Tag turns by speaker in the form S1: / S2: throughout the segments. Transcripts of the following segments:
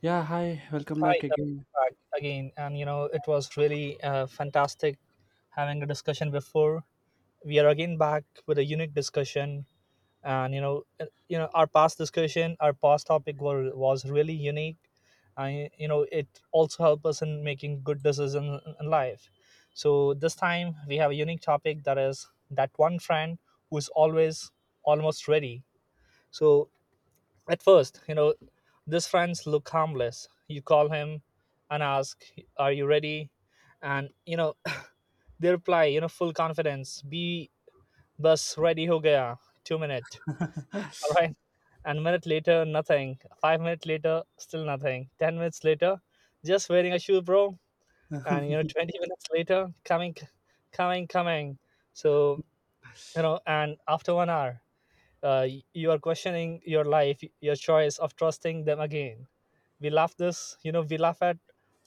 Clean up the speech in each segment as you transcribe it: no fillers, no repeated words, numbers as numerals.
S1: Yeah, hi, welcome
S2: Hi,
S1: back again.
S2: back again, and it was really fantastic having a discussion before. We are again back with a unique discussion, and our past discussion, our past topic was really unique, and it also helped us in making good decisions in life. So this time we have a unique topic, that is, that one friend who is always almost ready. So at first, these friends look harmless. You call him and ask, are you ready? And, they reply, full confidence, be bus ready ho gaya, 2 minute. All right. And minute later, nothing. 5 minutes later, still nothing. 10 minutes later, just wearing a shoe, bro. And, 20 minutes later, coming, coming, coming. So, and after one hour, uh, you are questioning your life, your choice of trusting them again. We laugh this, we laugh at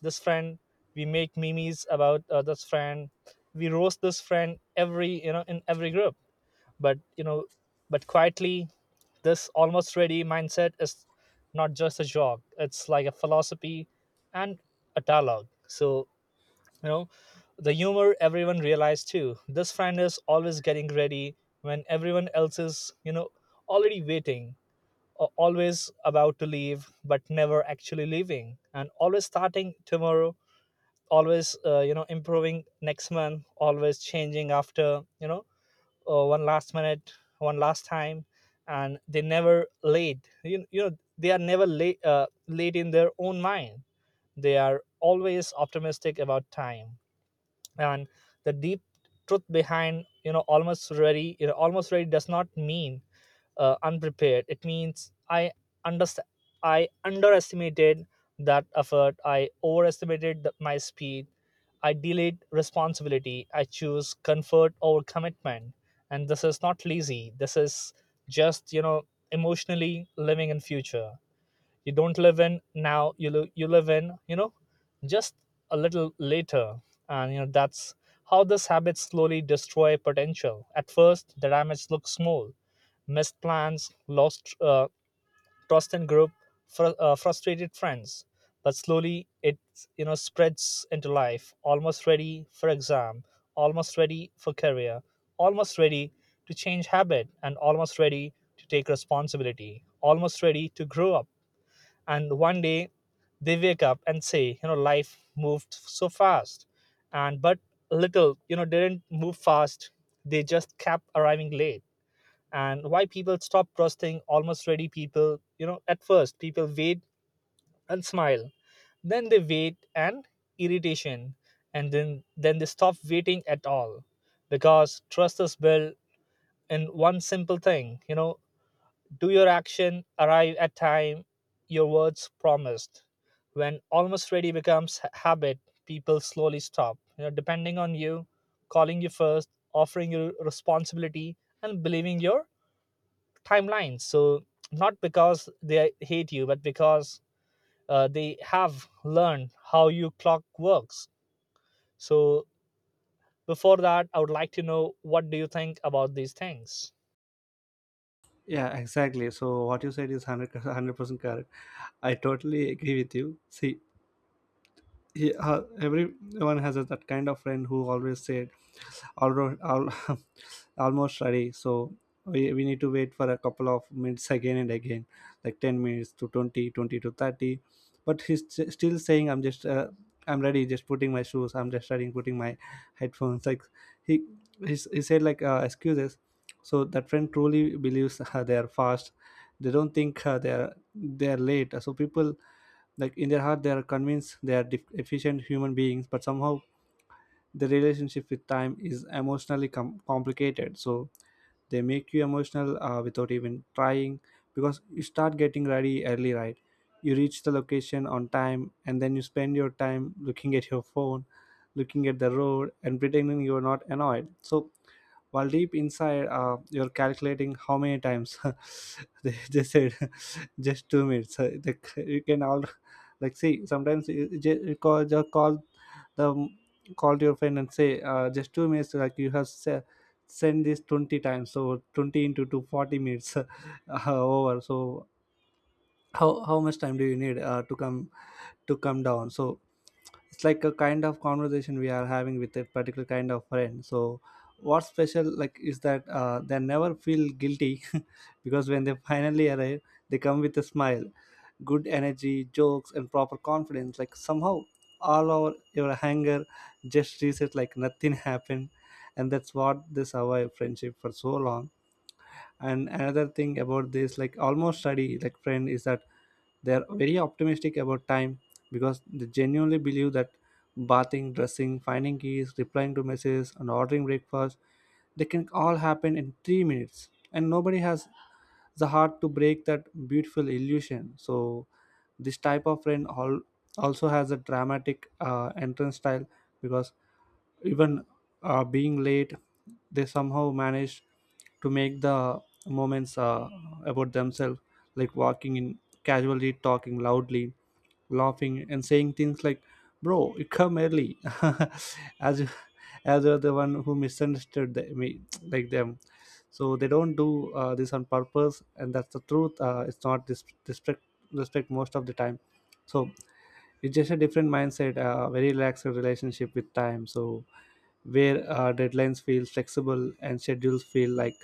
S2: this friend, we make memes about this friend, we roast this friend every, in every group. But but quietly, this almost ready mindset is not just a joke, it's like a philosophy and a dialogue. So you know, the humor everyone realized too. This friend is always getting ready when everyone else is, already waiting, or always about to leave but never actually leaving, and always starting tomorrow, always, improving next month, always changing after, one last minute, one last time, and they never late. They are never late, late in their own mind. They are always optimistic about time, and the deep truth behind almost ready, almost ready does not mean unprepared. It means I understand, I underestimated that effort, I overestimated the, my speed, I delayed responsibility, I choose comfort over commitment. And this is not lazy, this is just, emotionally living in future. You don't live in now, you live in, just a little later. And that's how this habit slowly destroy potential. At first the damage looks small: missed plans, lost trust in group, frustrated friends. But slowly it spreads into life. Almost ready for exam, almost ready for career, almost ready to change habit, and almost ready to take responsibility, almost ready to grow up. And one day they wake up and say, life moved so fast. And but little didn't move fast, they just kept arriving late. And why people stop trusting almost ready people, at first people wait and smile, then they wait and irritation, and then they stop waiting at all, because trust is built in one simple thing, do your action arrive at time your words promised? When almost ready becomes habit, people slowly stop, depending on you, calling you first, offering you responsibility, and believing your timelines. So not because they hate you, but because they have learned how your clock works. So before that, I would like to know, what do you think about these things?
S1: Yeah, exactly. So what you said is 100% correct. I totally agree with you. See, everyone has that kind of friend who always said, alro- al- almost ready. So we need to wait for a couple of minutes again and again, like 10 minutes to 20, 20 to 30, but still saying, I'm just I'm ready, just putting my shoes, I'm just ready putting my headphones. Like he he said like excuses. So that friend truly believes they are fast. They don't think they are late. So people, like, in their heart they are convinced they are efficient human beings, but somehow the relationship with time is emotionally complicated. So they make you emotional without even trying, because you start getting ready early, right? You reach the location on time and then you spend your time looking at your phone, looking at the road and pretending you're not annoyed. So while deep inside you're calculating how many times they said just 2 minutes. So you can all, like, see sometimes you just call, just the um, call to your friend and say just 2 minutes. Like you have sent this 20 times, so 20 into 2, 40 minutes over. So how much time do you need to come down? So it's like a kind of conversation we are having with a particular kind of friend. So what's special, like, is that they never feel guilty because when they finally arrive, they come with a smile, good energy, jokes, and proper confidence. Like somehow, all our your anger just reset, like nothing happened, and that's what this our friendship for so long. And another thing about this, like, almost study, like, friend, is that they are very optimistic about time, because they genuinely believe that bathing, dressing, finding keys, replying to messages, and ordering breakfast, they can all happen in 3 minutes. And nobody has the heart to break that beautiful illusion. So this type of friend also has a dramatic entrance style, because even being late, they somehow managed to make the moments about themselves, like walking in, casually talking loudly, laughing and saying things like, bro, you come early. as as you're the one who misunderstood me, like them. So they don't do this on purpose, and that's the truth. It's not disrespect, respect most of the time. So it's just a different mindset, very relaxed relationship with time. So where deadlines feel flexible and schedules feel like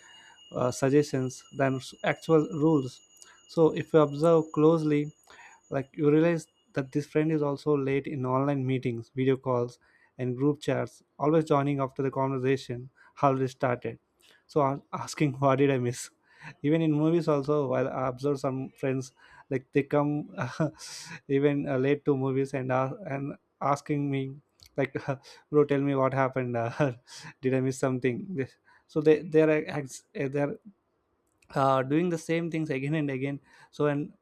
S1: suggestions than actual rules. So, if you observe closely, like, you realize that this friend is also late in online meetings, video calls, and group chats, always joining after the conversation already started. So I'm asking what did I miss? Even in movies also, while I observe some friends, like, they come even late to movies, and asking me, like, bro, tell me what happened. Did I miss something? So they're doing the same things again and again. So and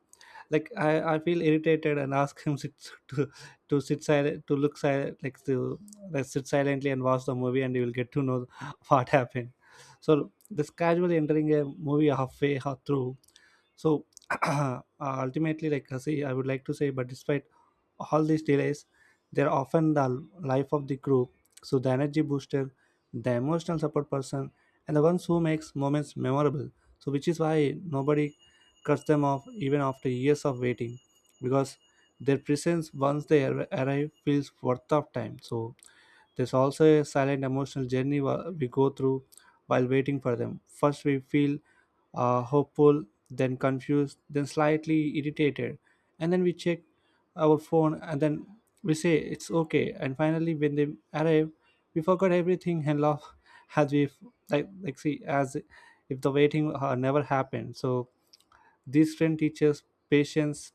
S1: like I feel irritated and ask him, sit, to to sit silent, to look silent, like to, like, sit silently and watch the movie and you will get to know what happened. So this casually entering a movie halfway through. So ultimately, like I say, I would like to say, but despite all these delays, they're often the life of the group. So the energy booster, the emotional support person, and the ones who makes moments memorable. So which is why nobody cuts them off even after years of waiting, because their presence, once they arrive, feels worth of time. So there's also a silent emotional journey we go through while waiting for them. First we feel hopeful, then confused, then slightly irritated. And then we check our phone and then we say, it's okay. And finally, when they arrive, we forgot everything and laugh as we, like, see, as if the waiting never happened. So this trend teaches patience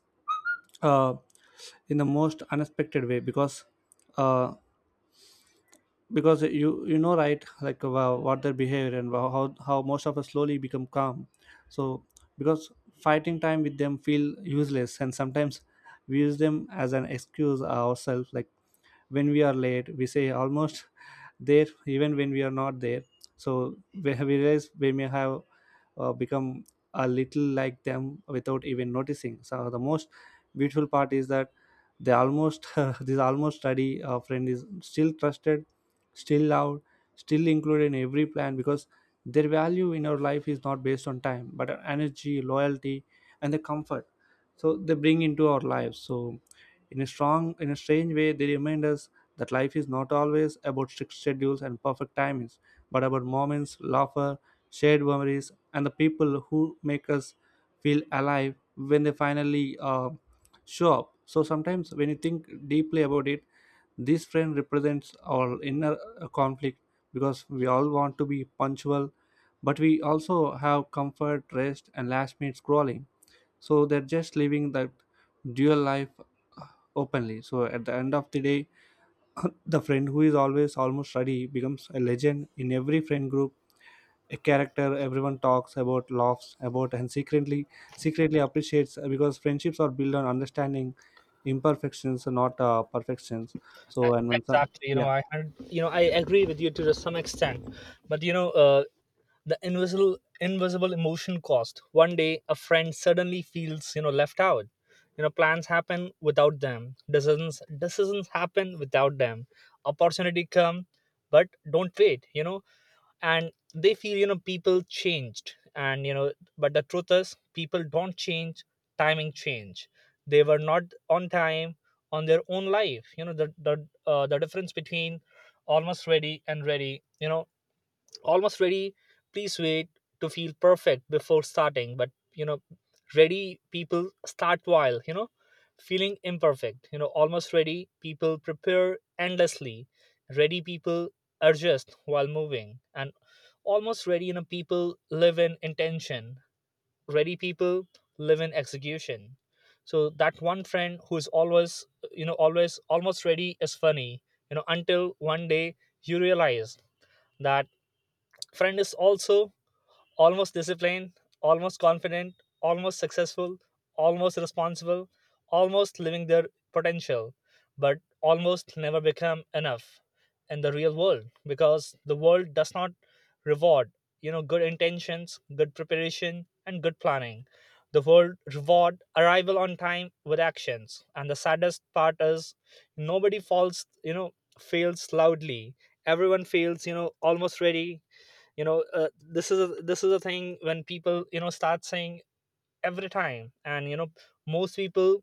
S1: uh, in the most unexpected way, uh, because you know, right, like, what their behavior and wow, how most of us slowly become calm. So because fighting time with them feel useless, and sometimes we use them as an excuse ourselves, like when we are late we say, almost there, even when we are not there. So we have realized we may have become a little like them without even noticing. So the most beautiful part is that they almost this almost study friend is still trusted, still loved, still included in every plan, because their value in our life is not based on time but on energy, loyalty, and the comfort so they bring into our lives. So in in a strange way, they remind us that life is not always about strict schedules and perfect timings, but about moments, laughter, shared memories, and the people who make us feel alive when they finally show up. So sometimes, when you think deeply about it, this friend represents our inner conflict, because we all want to be punctual, but we also have comfort, rest, and last minute scrolling. So they're just living that dual life, uh, openly. So at the end of the day, the friend who is always almost ready becomes a legend in every friend group, a character everyone talks about, laughs about, and secretly appreciates, because friendships are built on understanding imperfections, not perfections.
S2: E-
S1: So and when some,
S2: Exactly,
S1: yeah,
S2: I had, I agree with you to some extent, but the invisible emotion cost. One day, a friend suddenly feels, left out. Plans happen without them. Decisions happen without them. Opportunity come, but don't wait. And they feel people changed, and but the truth is people don't change, timing change. They were not on time on their own life. The difference between almost ready and ready, almost ready please wait to feel perfect before starting. But ready people start while feeling imperfect. Almost ready people prepare endlessly, ready people adjust while moving. And almost ready people live in intention, ready people live in execution. So that one friend who's always, always almost ready is funny, until one day you realize that friend is also almost disciplined, almost confident, almost successful, almost responsible, almost living their potential, but almost never become enough in the real world, because the world does not reward, good intentions, good preparation, and good planning. The world reward arrival on time with actions. And the saddest part is, nobody falls you know fails loudly. Everyone feels, almost ready. This is a thing when people start saying every time, and most people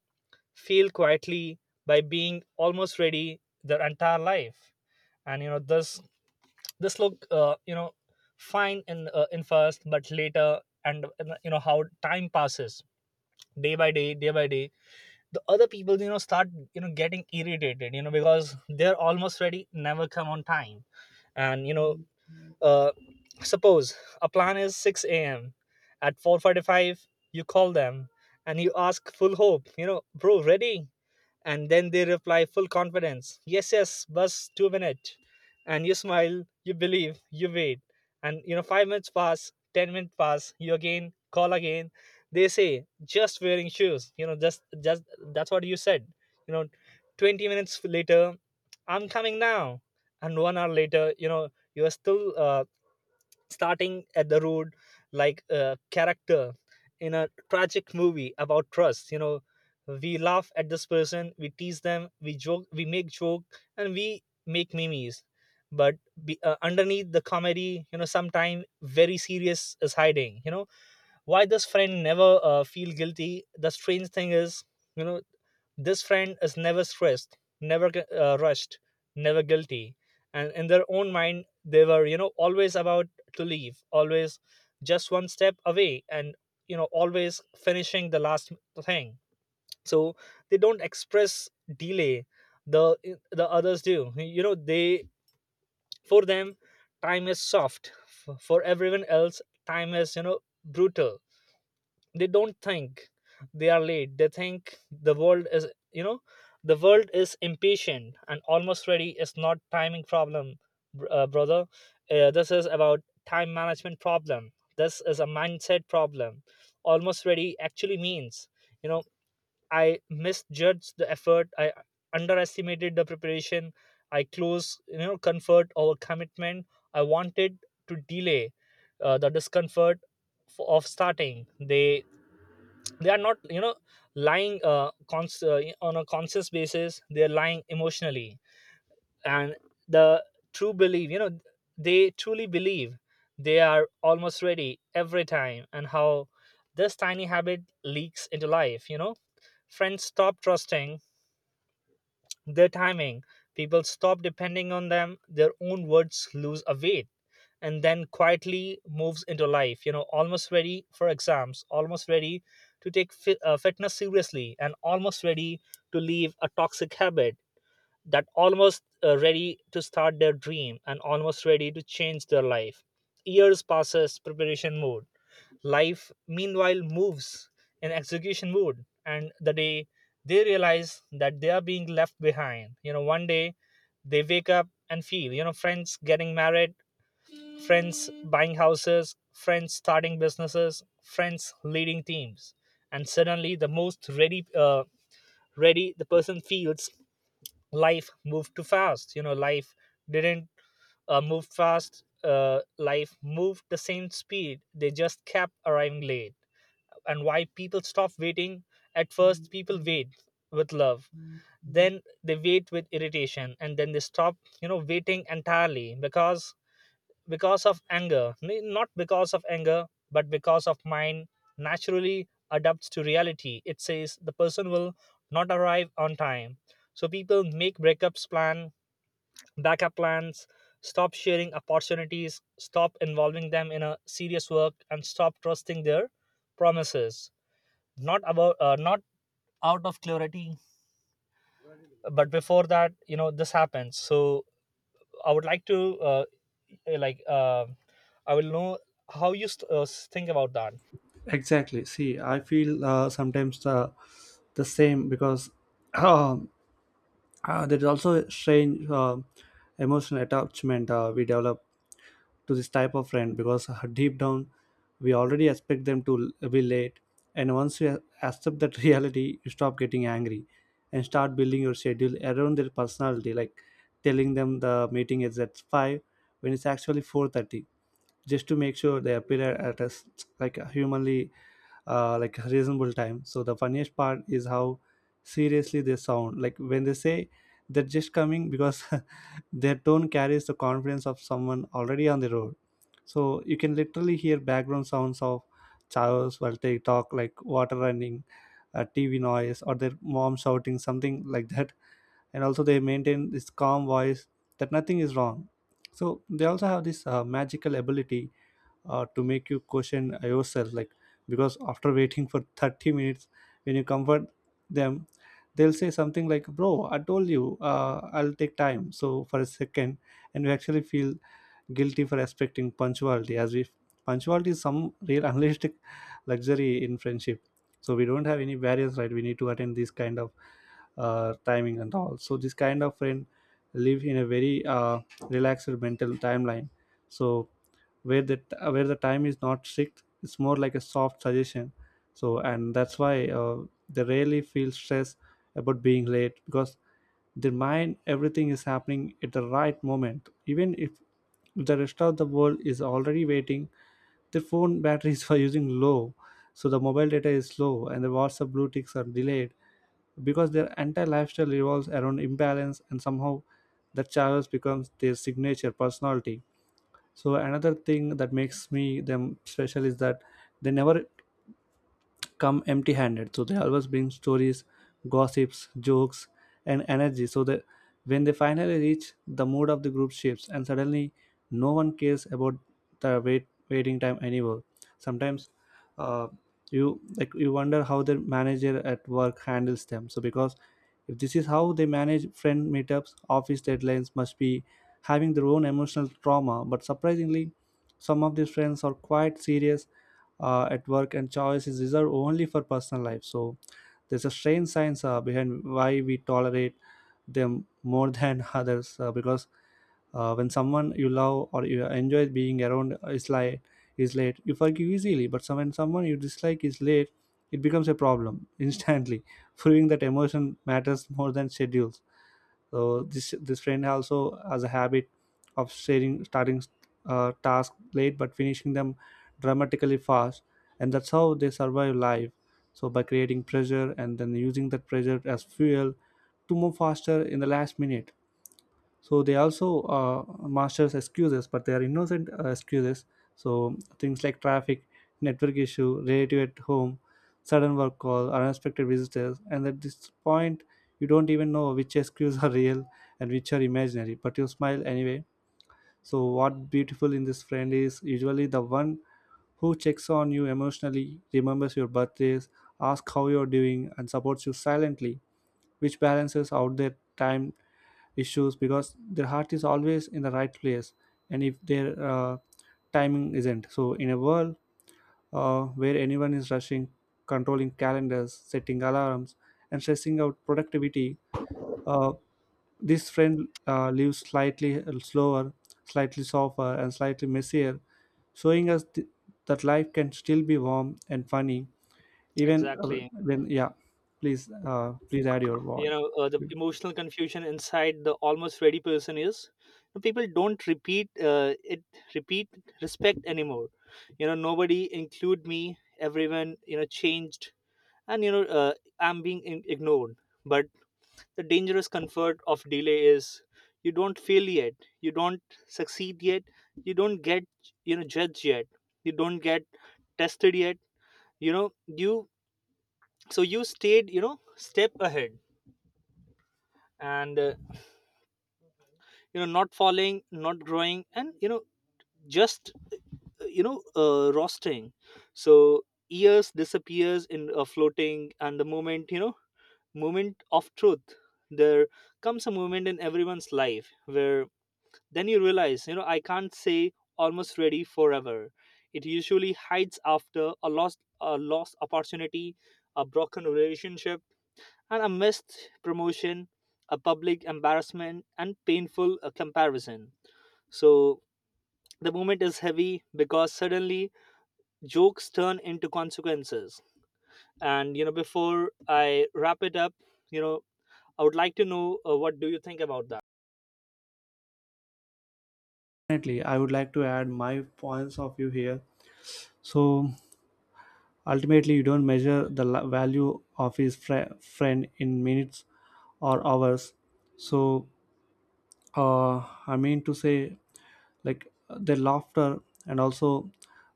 S2: fail quietly by being almost ready their entire life. And this look fine in first, but later. And how time passes, day by day, day by day, the other people start getting irritated, because they're almost ready never come on time. And uh, suppose a plan is 6 a.m. At 4:45, you call them and you ask, full hope, bro, ready? And then they reply, full confidence, yes, yes, bus 2 minute. And you smile, you believe, you wait. And 5 minutes pass, 10 minutes pass, you again call again. They say, just wearing shoes, just that's what you said. You know, 20 minutes later, I'm coming now. And one hour later, you are still starting at the root, like a character in a tragic movie about trust. We laugh at this person, we tease them, we joke, we make joke, and we make memes. But underneath the comedy, sometime very serious is hiding, why this friend never feel guilty. The strange thing is, you know this friend is never stressed, never rushed, never guilty. And in their own mind they were, always about to leave, always just one step away, and always finishing the last thing. So they don't express delay, the the others do. They, for them time is soft. For everyone else time is, brutal. They don't think they are late, they think the world is, you know the world is impatient. And almost ready is not timing problem, brother, this is about time management problem, this is a mindset problem. Almost ready actually means, you know I misjudged the effort, I underestimated the preparation, I close, comfort over commitment. I wanted to delay the discomfort of starting. They are not, lying on a conscious basis, they are lying emotionally. And the true belief, they truly believe they are almost ready every time. And how this tiny habit leaks into life, friends stop trusting their timing, people stop depending on them, their own words lose a weight. And then quietly moves into life, almost ready for exams, almost ready to take fitness seriously, and almost ready to leave a toxic habit, that almost ready to start their dream, and almost ready to change their life. Years passes preparation mode, life meanwhile moves in execution mode. And the day they realize that they are being left behind, one day they wake up and feel, friends getting married, friends buying houses, friends starting businesses, friends leading teams. And suddenly, the most ready, ready the person feels, life moved too fast. Life didn't move fast. Life moved the same speed. They just kept arriving late. And why people stop waiting? At first, people wait with love, then they wait with irritation, and then they stop, waiting entirely, because of anger, not because of anger but because of mind naturally adapts to reality. It says the person will not arrive on time. So people make breakups plan, backup plans, stop sharing opportunities, stop involving them in a serious work, and stop trusting their promises, not about, not out of clarity. But before that, this happens. So I would like to, eh, like uh, I will know how you think about that.
S1: exactly. See, I feel sometimes the same, because there is also a strange emotional attachment we develop to this type of friend, because deep down we already expect them to be late. And once you accept that reality, you stop getting angry and start building your schedule around their personality, like telling them the meeting is at 5 when it's actually 4:30, just to make sure they appear at a like a humanly like a reasonable time. So the funniest part is how seriously they sound, like, when they say they're just coming, because their tone carries the confidence of someone already on the road. So you can literally hear background sounds of showers while they talk, like water running, a TV noise, or their mom shouting something like that. And also they maintain this calm voice that nothing is wrong. So they also have this magical ability to make you question yourself, like, because after waiting for 30 minutes, when you comfort them, they'll say something like, bro, I told you, I'll take time. So for a second and you actually feel guilty for expecting punctuality, as if punctuality is some real unrealistic luxury in friendship. So we don't have any barriers, right? We need to attend this kind of timing and all. So this kind of friend live in a very relaxed mental timeline. So where the time is not strict, it's more like a soft suggestion. So and that's why they rarely feel stress about being late, because their mind, everything is happening at the right moment even if the rest of the world is already waiting. Their phone batteries were using low, so the mobile data is slow, and the WhatsApp blue ticks are delayed, because their entire lifestyle revolves around imbalance, and somehow that chaos becomes their signature personality. So another thing that makes me them special is that they never come empty handed. So they always bring stories, gossips, jokes, and energy. So that when they finally reach, the mood of the group shifts, and suddenly no one cares about the waiting time anymore. Sometimes uh, you, like, you wonder how their manager at work handles them. So because if this is how they manage friend meetups, office deadlines must be having their own emotional trauma. But surprisingly, some of these friends are quite serious at work, and choice is reserved only for personal life. So there's a strange science behind why we tolerate them more than others, because when someone you love or you enjoy being around is is late, you forgive easily. But when someone you dislike is late, it becomes a problem instantly, proving that emotion matters more than schedules. So this friend also has a habit of sharing starting tasks late but finishing them dramatically fast, and that's how they survive life, so by creating pressure and then using that pressure as fuel to move faster in the last minute. So they also masters excuses, but they are innocent excuses, so things like traffic, network issue, relative at home, sudden work call, or unexpected visitors. And at this point, you don't even know which excuses are real and which are imaginary, but you smile anyway. So what beautiful in this friend is usually the one who checks on you emotionally, remembers your birthdays, asks how you're doing, and supports you silently, which balances out their time issues, because their heart is always in the right place. And if their timing isn't so in a world where anyone is rushing, controlling calendars, setting alarms, and stressing out productivity, uh, this friend lives slightly slower, slightly softer, and slightly messier, showing us that life can still be warm and funny, even
S2: Exactly.
S1: when, yeah, please add your voice.
S2: The emotional confusion inside the almost ready person is, people don't repeat, it, repeat respect anymore. Nobody include me, everyone, changed, and I'm being ignored. But the dangerous comfort of delay is, you don't fail yet, you don't succeed yet, you don't get, judged yet, you don't get tested yet, you, so you stayed, step ahead, and not falling, not growing, and you know just you know roasting. So years disappears in floating. And the moment, moment of truth, there comes a moment in everyone's life where then you realize, I can't say almost ready forever. It usually hides after a lost opportunity, a broken relationship and a missed promotion, a public embarrassment, and painful comparison. So the moment is heavy because suddenly jokes turn into consequences. And before I wrap it up, you know, I would like to know, what do you think about that?
S1: Definitely, I would like to add my points of view here. So ultimately, you don't measure the value of his friend in minutes or hours. So, I mean to say, like, their laughter and also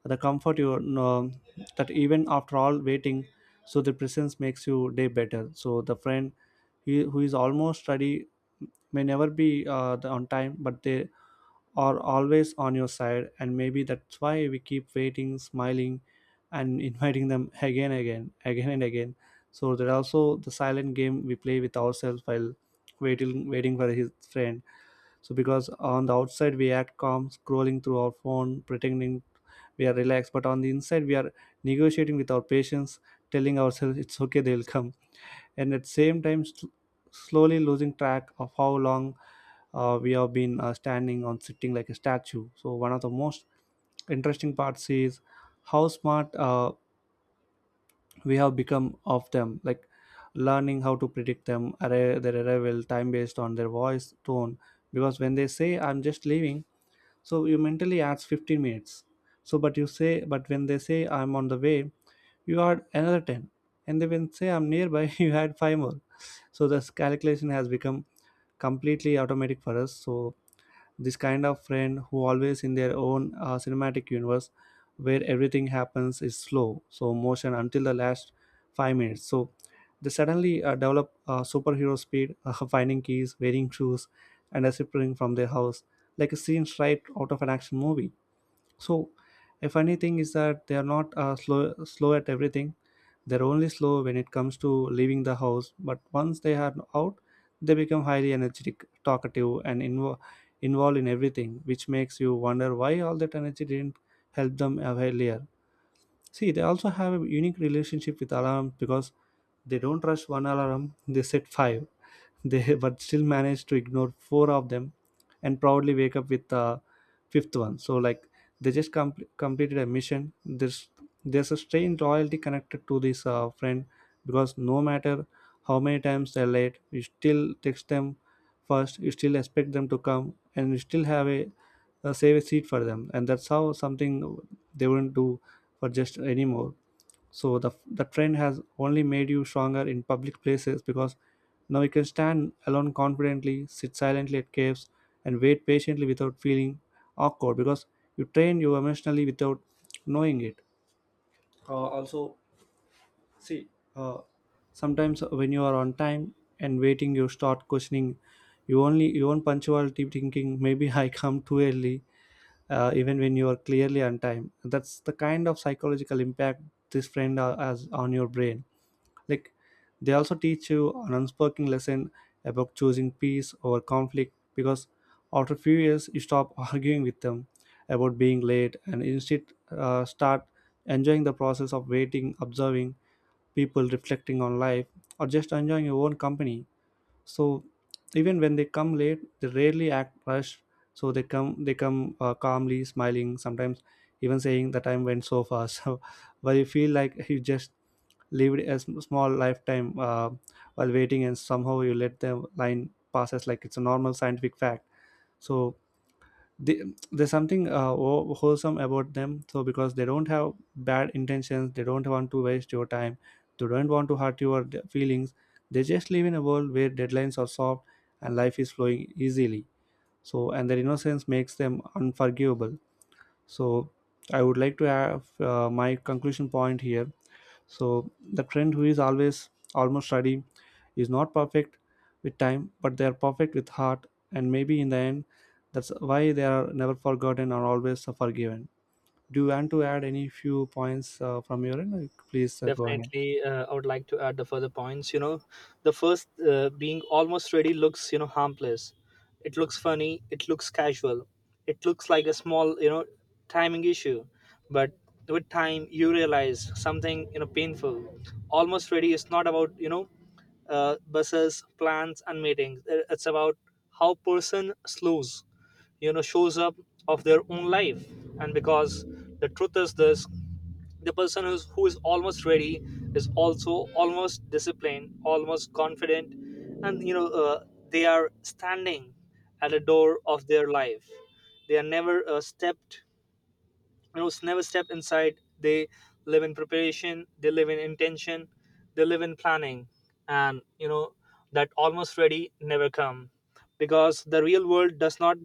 S1: the comfort, you know, that even after all waiting, so the presence makes your day better. So the friend, he, who is almost ready may never be on time, but they are always on your side, and maybe that's why we keep waiting, smiling, and inviting them again, again, again, and again. So there are also the silent game we play with ourselves while waiting for his friend. So because on the outside we act calm, scrolling through our phone, pretending we are relaxed, but on the inside we are negotiating with our patients, telling ourselves it's okay, they'll come, and at same time, slowly losing track of how long we have been standing on sitting like a statue. So one of the most interesting parts is how smart we have become of them, like learning how to predict their arrival time based on their voice tone. Because when they say I'm just leaving, so you mentally adds 15 minutes. So but you say, but when they say I'm on the way, you add another 10. And they when say I'm nearby, you add 5 more. So this calculation has become completely automatic for us. So this kind of friend who always in their own cinematic universe, where everything happens is slow so motion until the last 5 minutes, so they suddenly develop superhero speed, finding keys, wearing shoes, and disappearing from their house like a scene right out of an action movie. So a funny thing is that they are not slow at everything. They're only slow when it comes to leaving the house. But once they are out, they become highly energetic, talkative, and involved in everything, which makes you wonder why all that energy didn't help them earlier. See, they also have a unique relationship with alarms, because they don't rush one alarm; they set five. They but still managed to ignore four of them and proudly wake up with the fifth one, so like they just completed a mission. There's a strange loyalty connected to this friend, because no matter how many times they're late, you still text them first, you still expect them to come, and you still have a save a seat for them, and that's how something they wouldn't do for just anymore. So the trend has only made you stronger in public places, because now you can stand alone confidently, sit silently at caves, and wait patiently without feeling awkward, because you train you emotionally without knowing it. Also, see, uh, sometimes when you are on time and waiting, you start questioning you only your own punctuality, thinking maybe I come too early, even when you are clearly on time. That's the kind of psychological impact this friend has on your brain. Like, they also teach you an unspoken lesson about choosing peace over conflict, because after a few years you stop arguing with them about being late, and instead start enjoying the process of waiting, observing people, reflecting on life, or just enjoying your own company. So even when they come late, they rarely act rushed. So they come calmly, smiling, sometimes even saying the time went so fast. So but you feel like you just lived a small lifetime, while waiting, and somehow you let the line passes like it's a normal scientific fact. So they, there's something wholesome about them, so because they don't have bad intentions, they don't want to waste your time, they don't want to hurt your feelings, they just live in a world where deadlines are soft and life is flowing easily. So and their innocence makes them unforgivable. So I would like to have my conclusion point here. So the friend who is always almost ready is not perfect with time, but they are perfect with heart, and maybe in the end, that's why they are never forgotten or always forgiven. Do you want to add any few points from your end? Like, please go ahead.
S2: Definitely, I would like to add the further points. The first, being almost ready looks, harmless, it looks funny, it looks casual, it looks like a small, timing issue. But with time you realize something, painful. Almost ready is not about, buses plans and meetings. It's about how person slows you know shows up of their own life. And because the truth is this, the person who is almost ready is also almost disciplined, almost confident, and they are standing at the door of their life. They are never stepped, never step inside. They live in preparation, they live in intention, they live in planning. And that almost ready never come, because the real world does not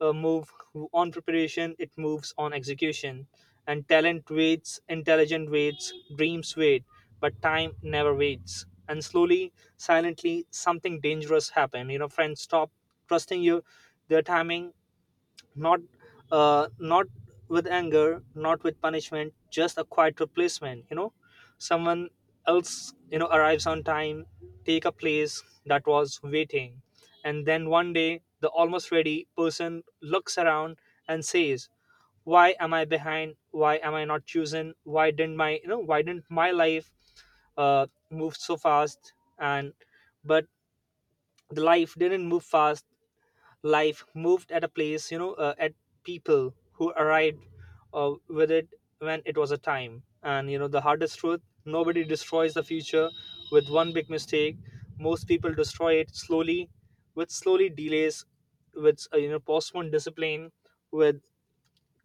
S2: move on preparation, it moves on execution. And talent waits, intelligent waits, dreams wait, but time never waits. And slowly, silently, something dangerous happen, friends stop trusting you, their timing, not not with anger, not with punishment, just a quiet replacement. Someone else, arrives on time, take a place that was waiting. And then one day the almost ready person looks around and says, why am I behind, why am I not chosen, why didn't my life move so fast. And but the life didn't move fast, life moved at a place, at people who arrived with it when it was a time. And the hardest truth, nobody destroys the future with one big mistake. Most people destroy it slowly, with slowly delays, with postponed discipline, with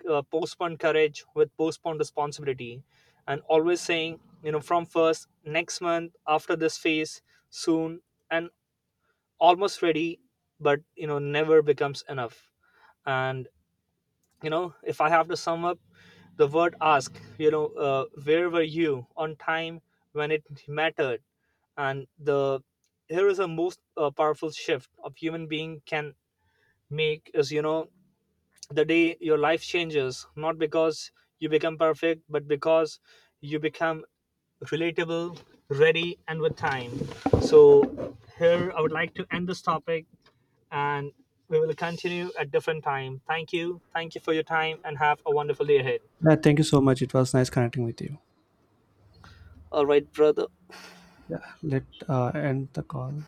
S2: postponed courage, with postponed responsibility, and always saying, from first, next month, after this phase, soon. And almost ready, but never becomes enough. And if I have to sum up, the word ask, where were you on time when it mattered. And the here is a most powerful shift a human being can make is, the day your life changes, not because you become perfect but because you become relatable, ready and with time. So here I would like to end this topic, and we will continue at different time. Thank you. Thank you for your time and have a wonderful day ahead.
S1: Yeah, thank you so much. It was nice connecting with you.
S2: All right, brother.
S1: Yeah, let end the call.